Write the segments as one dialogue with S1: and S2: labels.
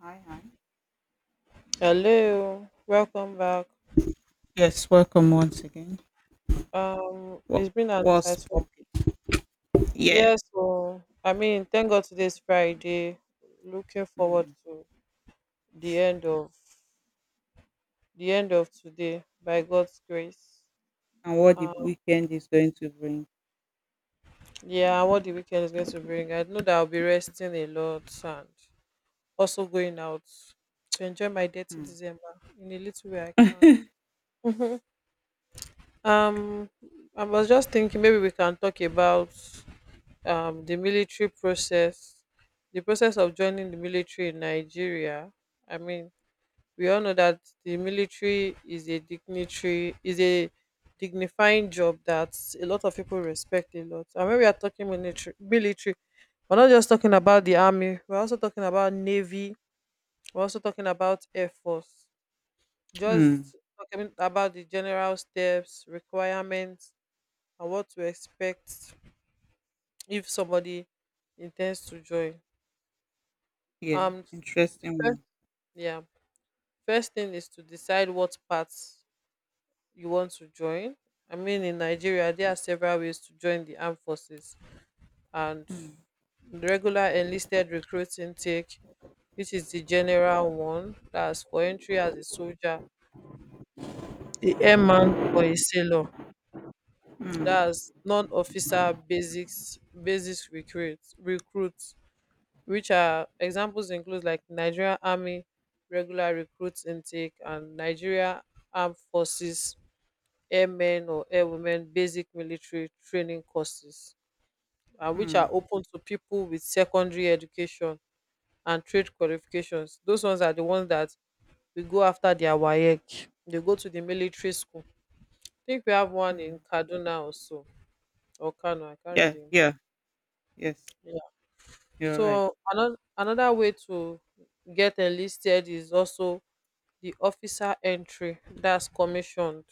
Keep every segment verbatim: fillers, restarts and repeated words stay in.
S1: Hi, hi.
S2: Hello, welcome back.
S1: Yes, welcome once again.
S2: Um,
S1: What
S2: it's been an
S1: what's
S2: exciting.
S1: popping? Yeah.
S2: Yes, so I mean, thank God today's Friday. Looking forward
S1: Mm.
S2: to the end of the end of today by God's grace.
S1: And what the
S2: Um,
S1: weekend is going to bring.
S2: yeah, and what the weekend is going to bring. I know that I'll be resting a lot and also going out to enjoy my dirty
S1: Mm.
S2: December in a little way I can. Mhm. Um, I was just thinking maybe we can talk about um, the military process, the process of joining the military in Nigeria. I mean, we all know that the military is a dignitary, is a dignifying job that a lot of people respect a lot. And when we are talking military, military, we're not just talking about the army. We're also talking about navy. We're also talking about air force.
S1: Mm,
S2: Just talking about the general steps, requirements, and what to expect if somebody intends to join.
S1: yeah,
S2: Um,
S1: interesting
S2: First,
S1: one.
S2: yeah. First thing is to decide what parts you want to join. I mean, in Nigeria, there are several ways to join the armed forces, and
S1: Mm.
S2: the regular enlisted recruits intake, which is the general one, that's for entry as a soldier, a airman or a sailor.
S1: Mm.
S2: That's non-officer basics, basics recruits, recruits, which are examples include like Nigeria Army regular recruits intake and Nigeria Armed Forces airmen or airwomen basic military training courses, and which are
S1: Mm.
S2: open to people with secondary education and trade qualifications. Those ones are the ones that we go after their WAEC. They go to the military school. I think we have one in
S1: Mm,
S2: Kaduna also or Kano. I can't
S1: yeah,
S2: really.
S1: yeah, yes,
S2: Yeah.
S1: you're right.
S2: So another another way to get enlisted is also the officer entry, that's commissioned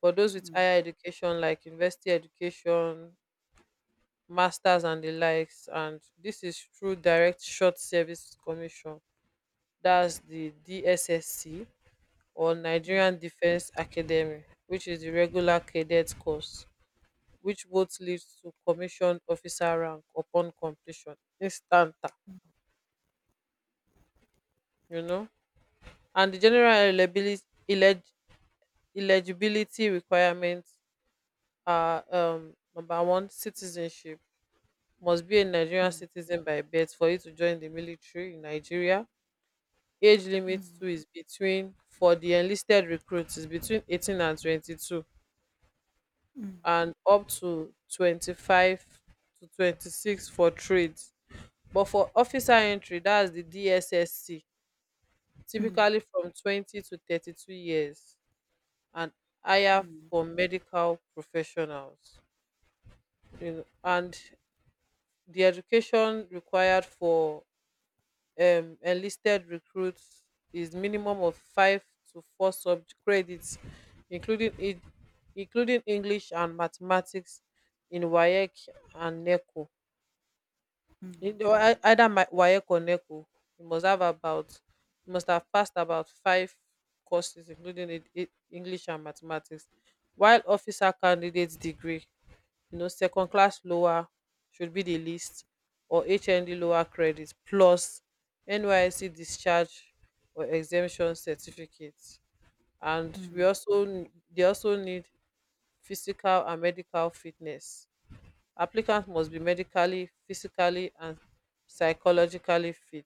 S2: for those with
S1: Mm.
S2: higher education like university education, masters, and the likes, and this is through direct short service commission, that's the DSSC, or
S1: Mm.
S2: Nigerian Defence Academy, which is the regular cadet course, which both leads to commissioned officer rank upon completion instanta, you know. And the general eligibility elegi- eligibility requirements are um number one, citizenship. Must be a Nigerian
S1: Mm.
S2: citizen by birth for you to join the military in Nigeria. Age limit
S1: Mm.
S2: too is, between for the enlisted recruits, is between eighteen and twenty-two, and up to twenty-five to twenty-six for trades. But for officer entry, that's the D S S C,
S1: Mm.
S2: typically from twenty to thirty-two years, and higher
S1: Mm.
S2: for medical professionals, you know. And the education required for um enlisted recruits is minimum of five to four sub credits, including in- including English and mathematics, in WAEC and NECO. In
S1: Mm.
S2: the- ei- either ma- WAEC or NECO, you must have about you must have passed about five courses, including in- in- English and mathematics, while officer candidates degree, you know second class lower should be the least, or HND lower credit plus NYSC discharge or exemption certificate. And we
S1: Mm.
S2: also n- They also need physical and medical fitness. Applicant must be medically, physically, and psychologically fit.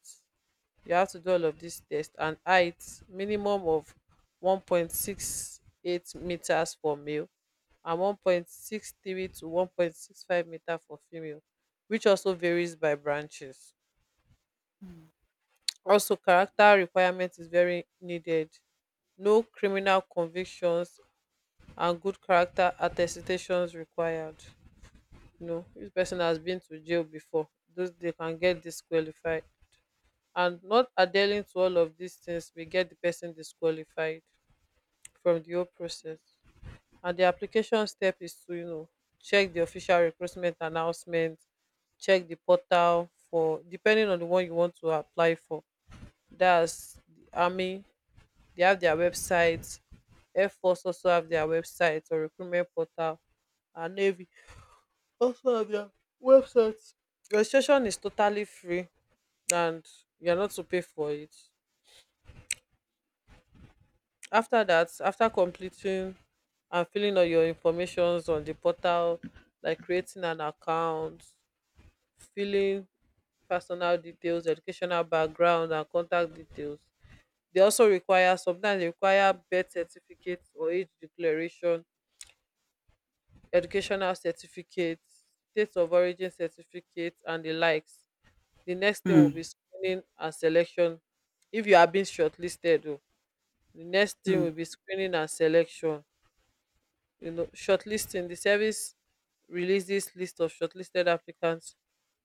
S2: You have to do all of these tests, and height minimum of one point six eight meters for male, and one point six three to one point six five meter for female, which also varies by branches. Also character requirement is very needed. No criminal convictions and good character attestations required. You know, if person has been to jail before, those they can get disqualified. And not adhering to all of these things will get the person disqualified from the whole process. And the application step is to you know check the official recruitment announcement, check the portal for, depending on the one you want to apply for, that's the army, they have their website. Air force also have their website or recruitment portal, and navy also have their websites. Registration is totally free, and you're not to pay for it. After that, after completing and filling all your informations on the portal, like creating an account, filling personal details, educational background, and contact details, dey also require, sometimes dey require birth certificate or age declaration, educational certificate, state of origin certificate, and the likes. The next thing
S1: Mm.
S2: will be
S1: Mm.
S2: screening and selection. If you are being shortlisted o, the next
S1: Mm,
S2: thing
S1: mm,
S2: will be screening and selection. You know shortlisting, the service releases list of shortlisted applicants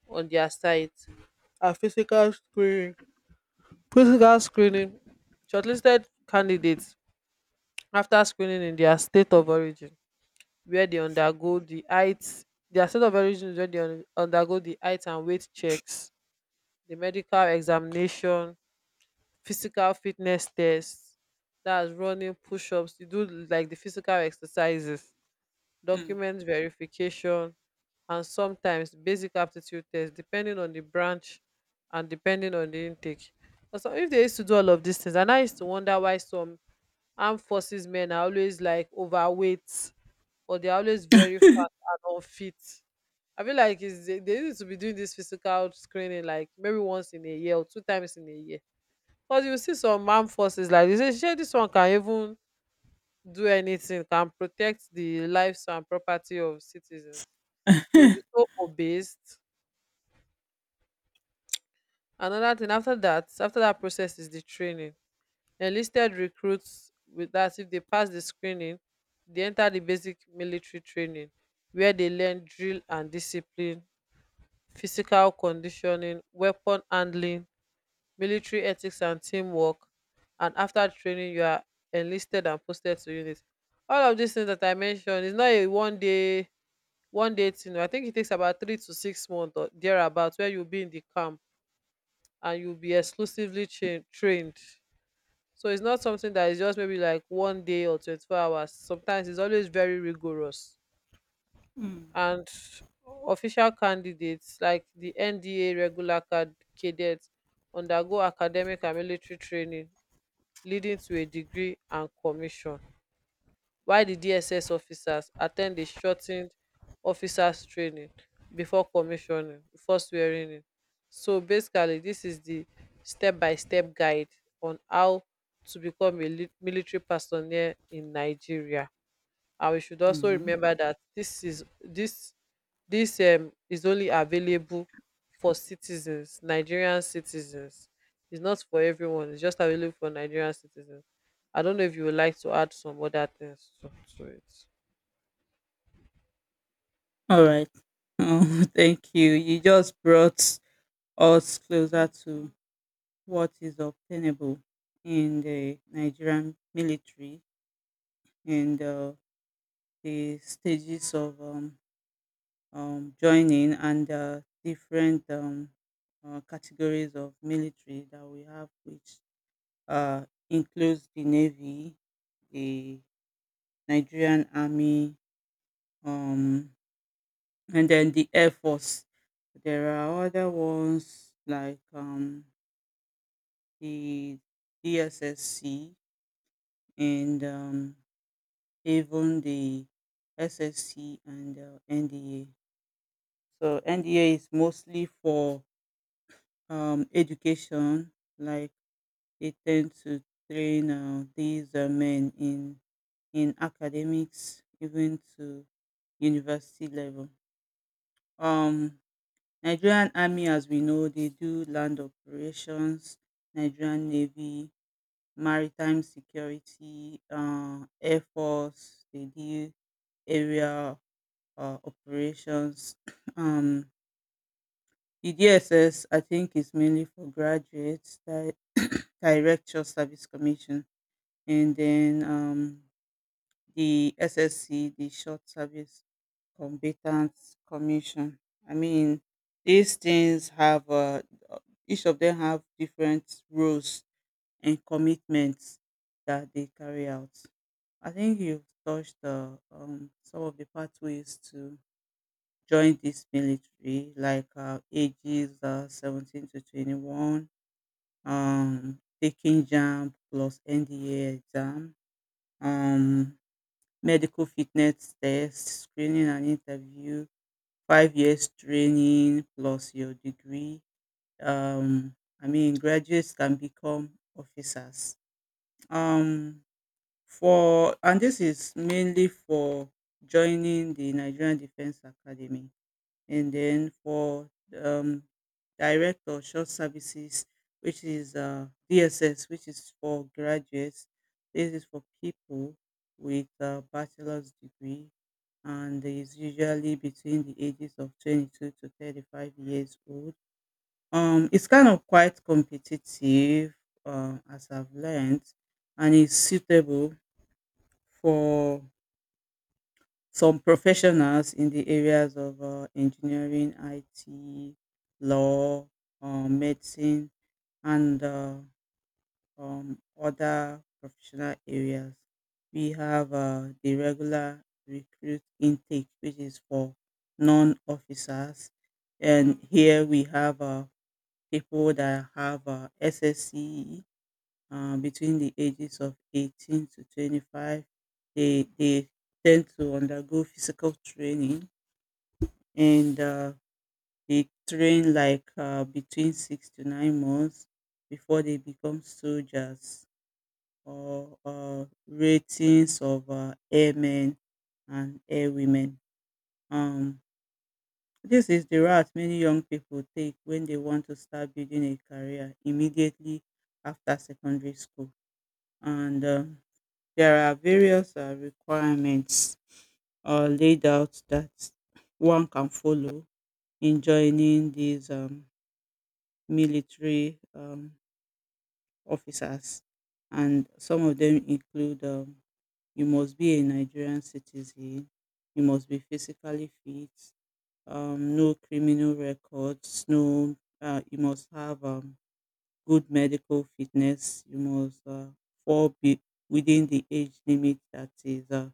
S2: on their site. And physical screening. Physical screening shortlisted candidates, after screening in their state of origin where they undergo the height, their state of origin is where they un- undergo the height and weight checks, the medical examination, physical fitness tests, that's running, push-ups, you do like the physical exercises, document verification, and sometimes basic aptitude tests, depending on the branch and depending on the intake. But some- if they used to do all of these things, and I used to wonder why some armed forces men are always like overweight or they're always very fat and unfit. I feel like it's, they they need to be doing this physical screening, like maybe once in a year or two times in a year. Because you see some armed forces like they say, "Shey, this one can even do anything, can protect the lives and property of citizens." They'll be
S1: mm.
S2: so obeyed. Another thing, after that, after that process is the training. Enlisted recruits with that, if they pass the screening, they enter the basic military training where they learn drill and discipline, physical conditioning, weapon handling, military ethics and teamwork. And after training, you are enlisted and posted to units. All of these things that I mentioned is not a one day one day thing o. I think it takes about three to six months or thereabout where you'll be in the camp, and you'll be exclusively train trained. So it's not something that is just maybe like one day or twenty-four hours. Sometimes it's always very rigorous.
S1: Mm.
S2: And official candidates like the N D A regular cad- cadets undergo academic and military training leading to a degree and commission. While di dss officers at ten d a shor ten ed officers training before commissioning, before swearingin, so basically dis is di stepbystep guide on how to become a lit- military personnel in Nigeria. And we should also
S1: Mm.
S2: remember dat dis is dis This um is only available for citizens, Nigerian citizens. It's not for everyone, it's just available for Nigerian citizens. I don't know if you would like to add some other things to, to it.
S1: All right. Oh, thank you. You just brought us closer to what is obtainable in the Nigerian military and uh, the stages of um, um, joining and uh, different um, uh, categories of military that we have, which uh, includes the Navy, the Nigerian Army, um, and then the Air Force. There are other ones like um, the D S S C and um, even the SSC and uh, N D A. So N D A is mostly for um, education, like they tend to train uh, these uh, men in in academics, even to university level. Um, Nigerian Army, as we know, they do land operations. Nigerian Navy, maritime security, uh, Air Force, they do area uh, operations. Um, the D S S, I think, is mainly for graduates, di- direct service commission, and then um, the S S C, the short service combatants commission. I mean, these things have uh, each of them have different roles and commitments that they carry out. I think you've touched uh, um, some of the pathways to joined this military, like uh, ages uh, seventeen to twenty-one, um taking jam plus N D A exam, um medical fitness test, screening and interview, five years training plus your degree. um I mean, graduates can become officers. um for, and this is mainly for joining the Nigerian defense academy, and then for um, direct or short services, which is uh, D S S, which is for graduates. This is for people with a bachelor's degree, and is usually between the ages of twenty-two to thirty-five years old. Um, it's kind of quite competitive, uh, as I've learned, and it's suitable for some professionals in the areas of uh, engineering, I T, law, um, medicine, and uh, um, other professional areas. We have uh, the regular recruit intake, which is for non officers. And here we have uh, people that have uh, S S C uh, between the ages of eighteen to twenty-five. They, they tend to undergo physical training and uh, they train like uh, between six to nine months before they become soldiers or uh, ratings of uh, airmen and airwomen. Um, this is the route many young people take when they want to start building a career immediately after secondary school. And um, there are various uh, requirements uh, laid out that one can follow in joining these um, military um, officers, and some of them include um, you must be a Nigerian citizen, you must be physically fit, um, no criminal records, no, uh, you must have um, good medical fitness, you must uh, fall be within the age limit that is uh,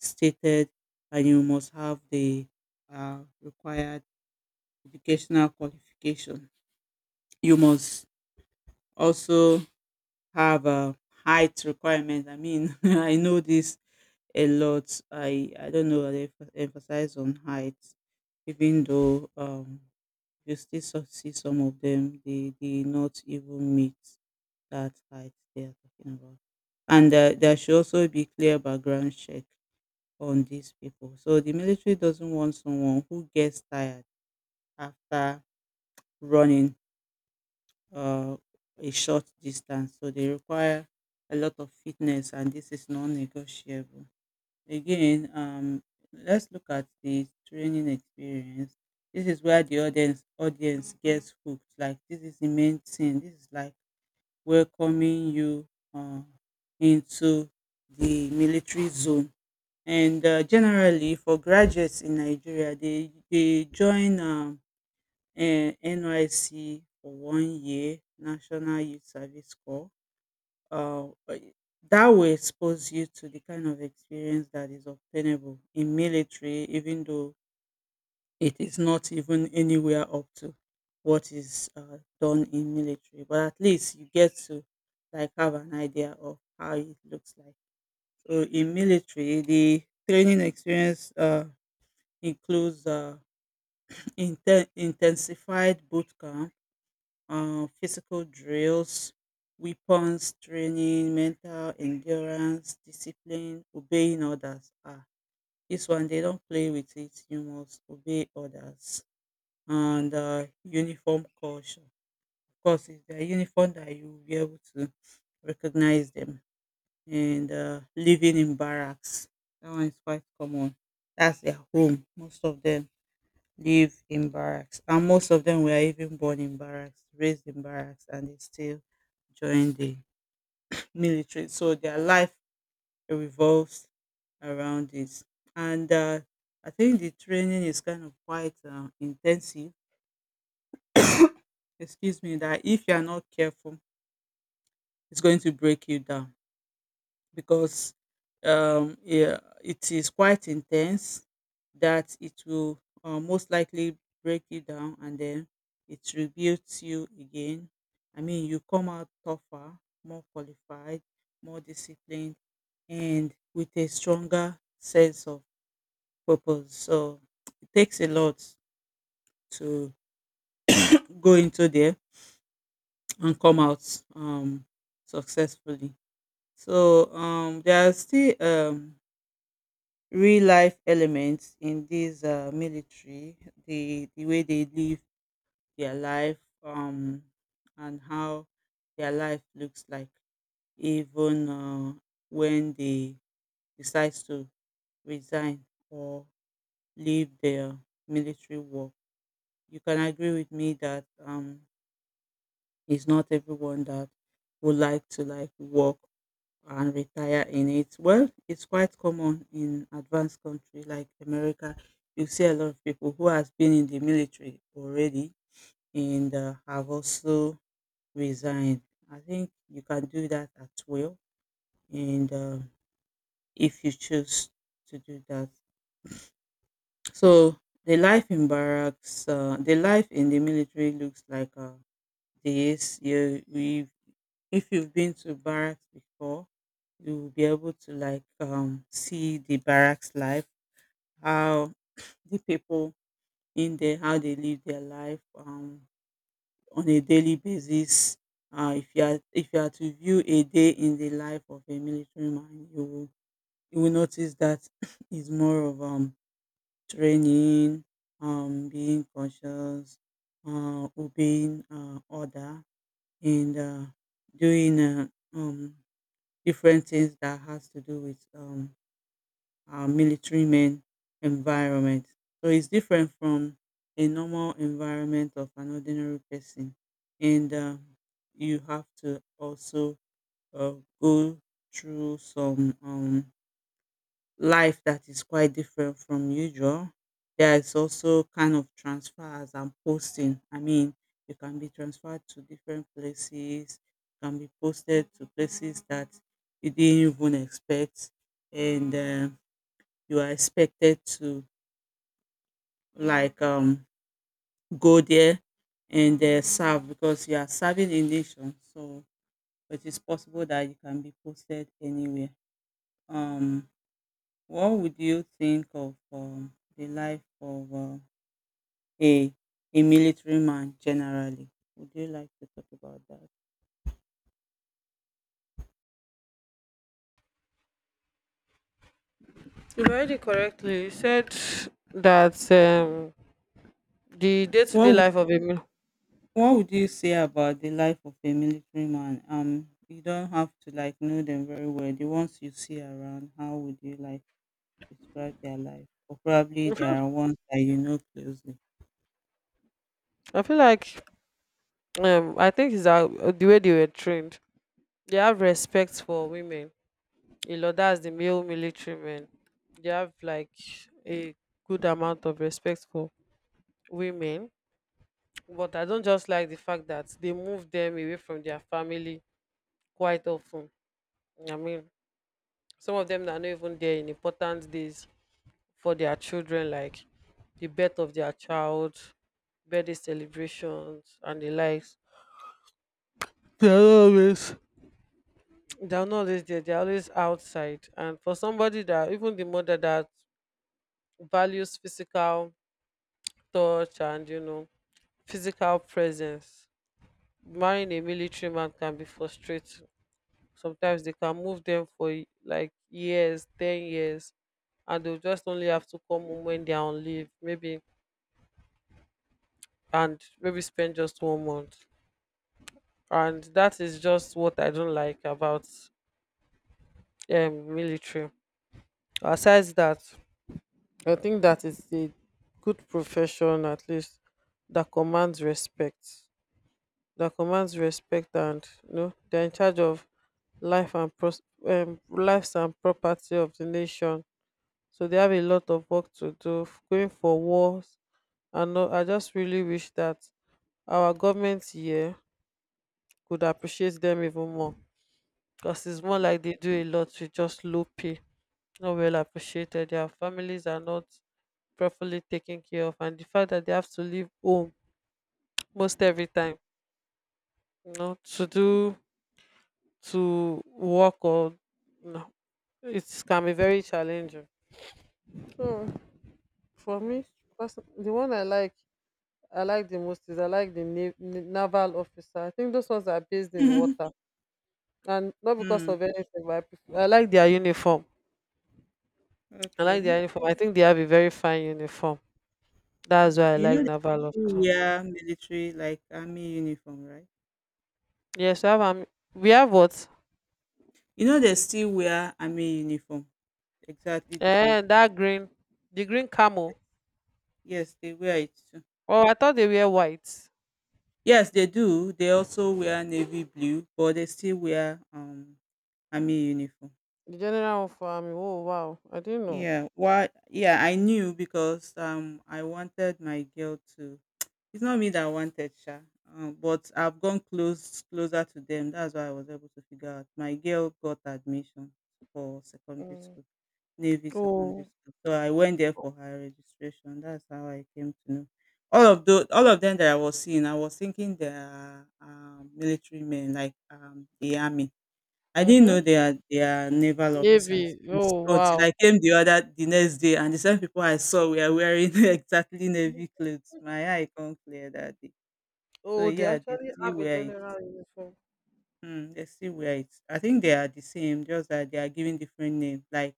S1: stated, and you must have the uh, required educational qualification. You must also have a height requirement. I mean, I know this a lot. I I don't know. They emph- emphasize on height, even though um you still so- see some of them, they they not even meet that height they are talking about. And uh, there should also be clear background check on these people. So the military doesn't want someone who gets tired after running uh, a short distance. So they require a lot of fitness, and this is non-negotiable. Again, um, let's look at the training experience. This is where the audience audience gets hooked. Like this is the main thing. This is like welcoming you uh, into the military zone. And uh, generally, for graduates in Nigeria, they they join. Um, um N Y S C for one year, National Youth Service Corps. Uh, but that will expose you to the kind of experience that is obtainable in military, even though it is not even anywhere up to what is uh, done in military. But at least you get to like have an idea of how it looks like. So in military, the training experience uh, includes uh, inten- intensified boot camp, uh, physical drills, weapons training, mental endurance, discipline, obeying others. Ah, this one they don't play with it. You must obey others. And uh, uniform culture. Of course, it's the uniform that you will be able to recognize them. And uh, living in barracks. That one is quite common. That's their home, most of them live in barracks, and most of them were even born in barracks, raised in barracks, and they still join the military. So their life revolves around it. And uh, I think the training is kind of quite uh, intensive. Excuse me, that if you are not careful, it's going to break you down because um, yeah, it is quite intense that it will uh, most likely break you down, and then it rebuilds you again. I mean, you come out tougher, more qualified, more disciplined, and with a stronger sense of purpose. So it takes a lot to go into there and come out um, successfully. So um, there are still um, real life elements in this uh, military, the the way they live their life, um, and how their life looks like, even uh, when they decide to resign or leave their military work. You can agree with me that um, it's not everyone that would like to like work and retire in it. Well, it's quite common in advanced country like America. You see a lot of people who has been in the military already and uh, have also resigned. I think you can do that at will, and uh, if you choose to do that. So the life in barracks, uh, the life in the military looks like uh, this. You, we If you've been to barracks before, you will be able to like um see the barracks life, how the people in there, how they live their life um on a daily basis. Uh, if you are if you are to view a day in the life of a military man, you will you will notice that it's more of um training, um being cautious, uh obeying uh order, and uh doing uh, um different things that has to do with um, our military men environment. So it's different from a normal environment of an ordinary person, and uh, you have to also uh, go through some um, life that is quite different from usual. There is also kind of transfers and posting. I mean, you can be transferred to different places, can be posted to places that you didn't even expect, and uh, you are expected to like um go there and uh, serve because you are serving a nation. So it is possible that you can be posted anywhere. Um, What would you think of um, the life of uh, a a military man generally? Would you like to talk about that?
S2: You read it correctly. You said that um the
S1: What
S2: day-to-day
S1: would,
S2: life of a mil-.
S1: what would you say about the life of a military man? Um, you don't have to like know them very well. The ones you see around, how would you like describe their life? Or probably
S2: I feel,
S1: there are ones that you know closely.
S2: I feel like um I think it's, uh, the way they were trained, they have respect for women a lot, that's the male military men. They have like a good amount of respect for women, but I don't just like the fact that they move them away from their family quite often. I mean, some of them are not even there in important days for their children, like the birth of their child, birthday celebrations, and the likes. They are not always they are not always there. They are always outside. And for somebody that, even the mother that values physical touch and you know physical presence, marrying a military man can be frustrating. Sometimes they can move them for y- like years, ten years, and they'll just only have to come home when they're on leave, maybe, and maybe spend just one month. And that is just what I don't like about um, military. Aside that, I think that is a good profession, at least, that commands respect. That commands respect, and you know, they're in charge of life and pros- um, lives and property of the nation. So they have a lot of work to do, f- going for wars. And no, I just really wish that our government here could appreciate them even more. Because it's more
S1: Mm,
S2: like they do a lot with just low pay, not well appreciated. Their families are not properly taken care of. And the fact that they have to leave home most
S1: mm.
S2: every time, you know, to do to work, or no, it can be very challenging. So for
S1: Yeah,
S2: me,
S1: it's true.
S2: person- the one I like I like the most is, I like the nav- n- naval officer. I think those ones are based in water, and not because
S1: Mm,
S2: of anything. But I, prefer, I like their uniform. I like
S1: okay.
S2: their uniform. I think they have a very fine uniform. That's
S1: Mm.
S2: why I
S1: You
S2: like
S1: know, they
S2: naval
S1: still
S2: officer.
S1: wear military like army uniform, right?
S2: Yes, we have um, we have what?
S1: You know they still wear army uniform. Exactly the same
S2: Eh,
S1: thing.
S2: that green, the green
S1: Yes,
S2: camel.
S1: yes, they wear it too.
S2: Oh, I thought they were white.
S1: Yes, they do. They also wear navy blue, but they still wear um army uniform.
S2: The general of army. Oh wow, I didn't know.
S1: Yeah, why? Yeah, I knew because um I wanted my girl to. It's not me that wanted Sha, um, but I've gone close closer to them. That's why I was able to figure out. My girl got admission for secondary
S2: Mm.
S1: school. Navy Secondary
S2: Oh.
S1: School. So I went there for her registration. That's how I came to know. All of the all of them that I was seeing, I was thinking they are um, military men, like um, the army. I didn't know
S2: Mhm.
S1: they are they are naval officers
S2: Navy.
S1: unt-
S2: Oh
S1: until
S2: wow.
S1: I came the other the next day, and the same people I saw were wearing exactly navy clothes. My eye come clear that day. So
S2: Oh, they
S1: yeah, they
S2: actually
S1: still
S2: have a
S1: wear it.
S2: general uniform.
S1: Mm, they still wear it. I think they are the same, just that they are given different names, like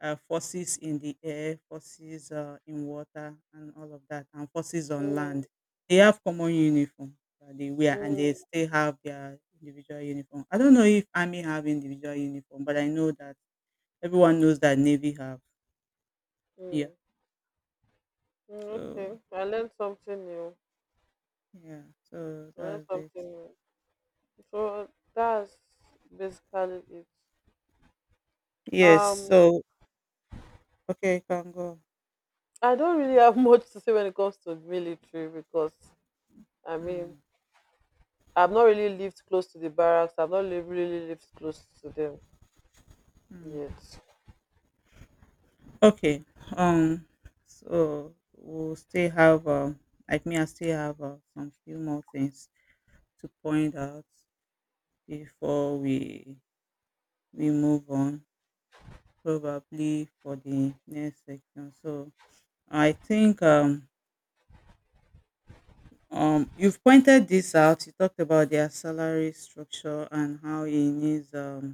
S1: uh, forces in the air, forces uh, in water, and all of that, and forces on
S2: Mm,
S1: land. They have common uniform that they wear, and they
S2: mm.
S1: still have their individual uniform. I don't know if army have individual uniform, but I know that everyone knows that navy have. Yeah.
S2: Mm. Mm, okay,
S1: So
S2: I learned something new.
S1: yeah. So
S2: I learned,
S1: that's
S2: okay,
S1: it.
S2: something new. So that's basically it.
S1: Yes.
S2: Um,
S1: So okay, can go.
S2: I don't really have much to say when it comes to military, because I mean
S1: Mm,
S2: I've not really lived close to the barracks. I've not li- really lived close to them
S1: mm.
S2: yet.
S1: Okay. Um. So we'll still have um. Like me, I still have uh, some few more things to point out before we we move on, probably for the next section. So I think um um you've pointed this out. You talked about their salary structure and how it needs um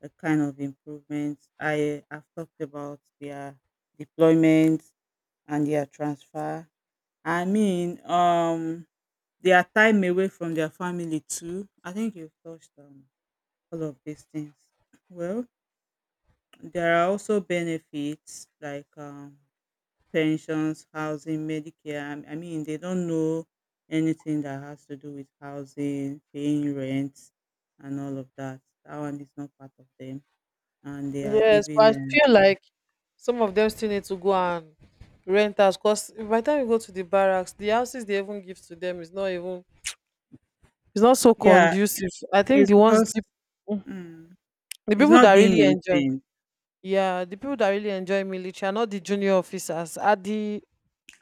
S1: a kind of improvement. I have talked about their deployment and their transfer. I mean, um, their time away from their family too. I think you've touched on all of these things. Well, there are also benefits like um, pensions, housing, Medicare. I I mean, they don't know anything that has to do with housing, paying rent, and all of that. That one is not part of them, and they are
S2: Yes, but
S1: given.
S2: I
S1: Uh,
S2: feel like some of them still need to go and rent us, because by the time you go to the barracks, the houses they even give to them is not even, it's not so
S1: yeah,
S2: conducive. I think
S1: it's
S2: the ones
S1: because
S2: deep.
S1: mm,
S2: The
S1: it's
S2: people
S1: not
S2: that
S1: being
S2: really enjoy,
S1: maintained.
S2: yeah, the people that really enjoy military are not the junior officers, are the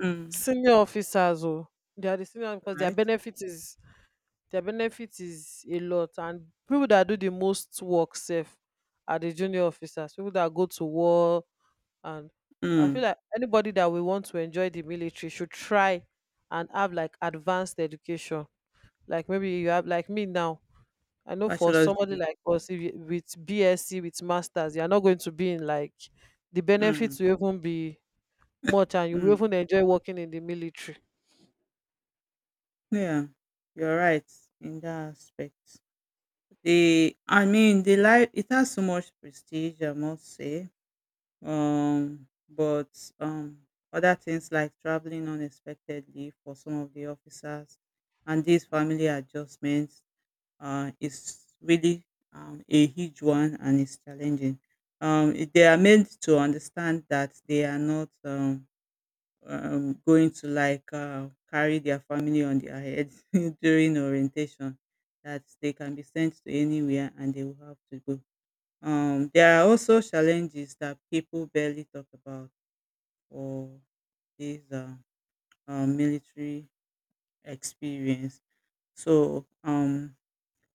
S1: Mm,
S2: senior officers. Oh, they are the senior because their
S1: right?
S2: benefit is their benefit is a lot, and people that do the most work safe are the junior officers. People that go to war, and I feel
S1: Mm,
S2: like anybody that will want to enjoy the military should try and have like advanced education. Like maybe you have like me now. I know for
S1: bachelor's
S2: somebody
S1: degree.
S2: like us, if you, with BSc, with masters, you're not going to be in, like, the
S1: Mm,
S2: benefits will even be much, and you will
S1: mm.
S2: even enjoy working in the military.
S1: Yeah, you're right in that aspect. The I mean the life, it has so much prestige, I must say. Um, but um, other things like traveling unexpectedly for some of the officers, and these family adjustments, uh, is really um a huge one, and it's challenging. Um, it- they are made to understand that they are not um um, going to like uh, carry their family on their heads during orientation, that they can be sent to anywhere and they will have to go. Um, there are also challenges that people barely talk about for this uh, um, military experience. So um,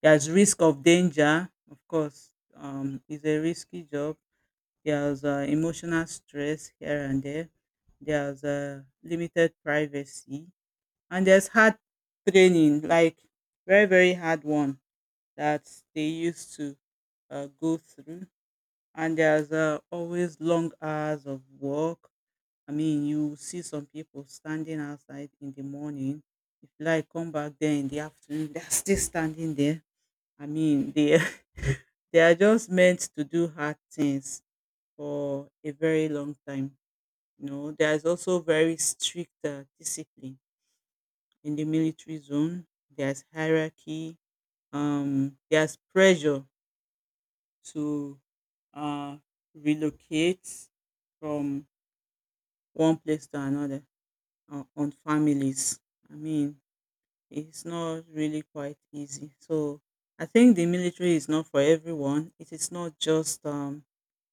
S1: there's risk of danger, of course. Um, it's a risky job. There's uh, emotional stress here and there. There's uh, limited privacy, and there's hard training, like very very hard one that they used to uh, go through. And there's uh, always long hours of work. I mean, you see some people standing outside in the morning. If you like come back there in the afternoon, they're still standing there. I mean, they they are just meant to do hard things for a very long time. You know, there's also very strict uh, discipline in the military zone. There's hierarchy. Um there's pressure to uh relocate from one place to another, uh, on families. I mean, it's not really quite easy. So I think the military is not for everyone. It is not just um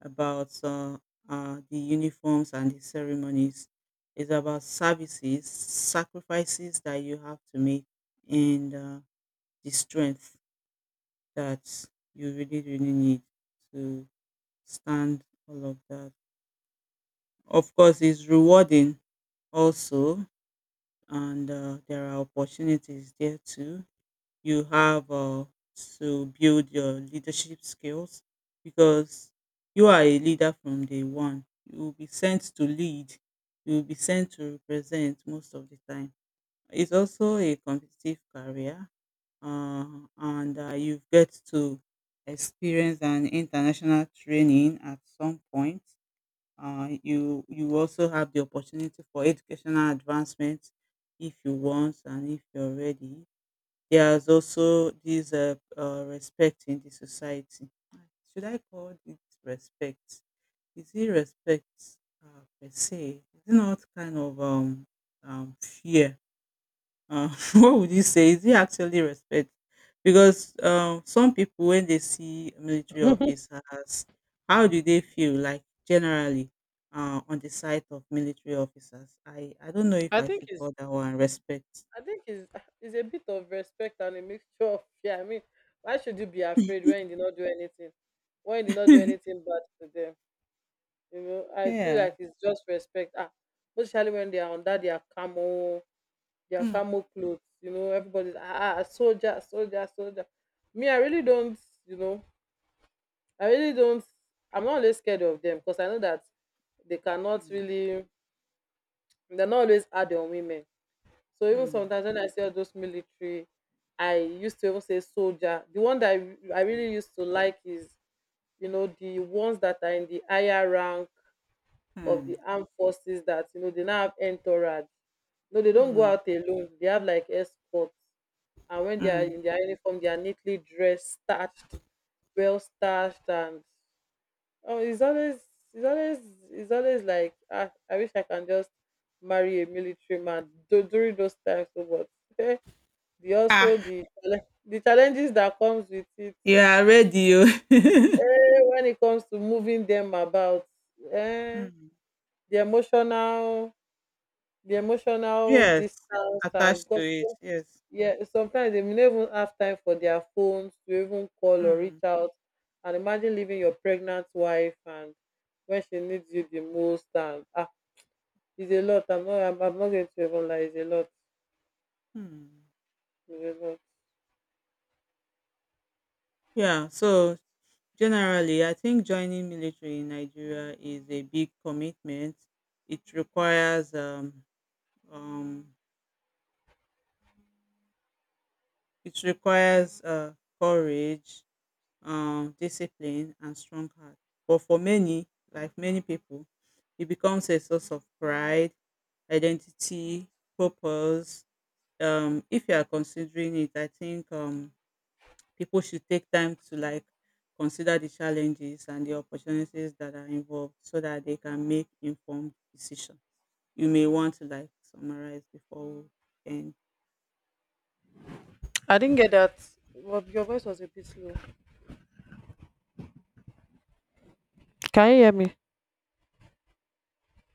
S1: about uh, uh the uniforms and the ceremonies. It's about services, sacrifices that you have to make, and uh, the strength that you really, really need to stand all of that. Of course, it's rewarding also, and uh, there are opportunities there too. You have uh, to build your leadership skills, because you are a leader from day one. You will be sent to lead, you will be sent to represent most of the time. It's also a competitive career, uh, and uh, you get to experience an international training at some point. Uh, you you also have the opportunity for educational advancement if you want and if you're ready. There's also this uh, uh, respect in the society. Should I call it respect? Is it respect uh, per se? Is it not kind of um, um, fear, uh, what would you say? Is it actually respect? Because um, some people, when they see military officers, how do they feel, like generally uh, on the side of military officers? I, I don't know if
S2: I
S1: I
S2: think
S1: should
S2: it's
S1: call that one respect.
S2: I think it's it's a bit of respect and a mixture of fear. I mean, why should you be afraid when you did not do anything? When you did not do anything bad to them. You know, I feel
S1: Yeah.
S2: like it's just respect. Ah, especially when they are under their camo their
S1: Hmm.
S2: camo clothes. You know, everybody's ah ah, ah, soldier, soldier, soldier. Me, I really don't. You know, I really don't. I'm not always scared of them because I know that they cannot
S1: Hmm.
S2: really. They're not always hard on women. So even
S1: Hmm.
S2: sometimes when I see all those military, I used to even say soldier. The one that I, I really used to like is, you know the ones that are in the higher rank of the
S1: Hmm.
S2: armed forces, that you know they now have entourage. No, they don't go
S1: Hmm.
S2: out alone. They have like escorts. And when they are
S1: Hmm.
S2: in their uniform, they are neatly dressed, starched well starched, and oh, it's always it's always it's always like, ah, I wish I can just marry a military man tho- during those times, so. But eh, the
S1: Ah,
S2: also the challe- the challenges that comes with it,
S1: you are ready. Oh.
S2: eh, when it comes to moving them about, eh,
S1: Hmm.
S2: the emotional the emotional
S1: Yes,
S2: distance, and
S1: attached to it. Yes.
S2: yeah, sometimes they may not even have time for their phones to even call or
S1: Hmm.
S2: reach out. And imagine leaving your pregnant wife and when she needs you the most. And ah, it's a lot. I'm not. I'm, I'm not going to even lie. It's a lot.
S1: Hmm.
S2: It's a lot.
S1: Yeah, so generally, I think joining military in Nigeria is a big commitment. It requires um, um, it requires uh, courage, um, discipline, and strong heart. But for many, like many people, it becomes a source of pride, identity, purpose. Um, if you are considering it, I think um, people should take time to like consider the challenges and the opportunities that are involved so that they can make informed decision. You may want to like summarize before we end.
S2: I didn't get that. Well, your voice was a bit slow. Can you hear me?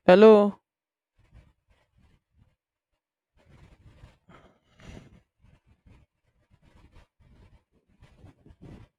S2: Hello.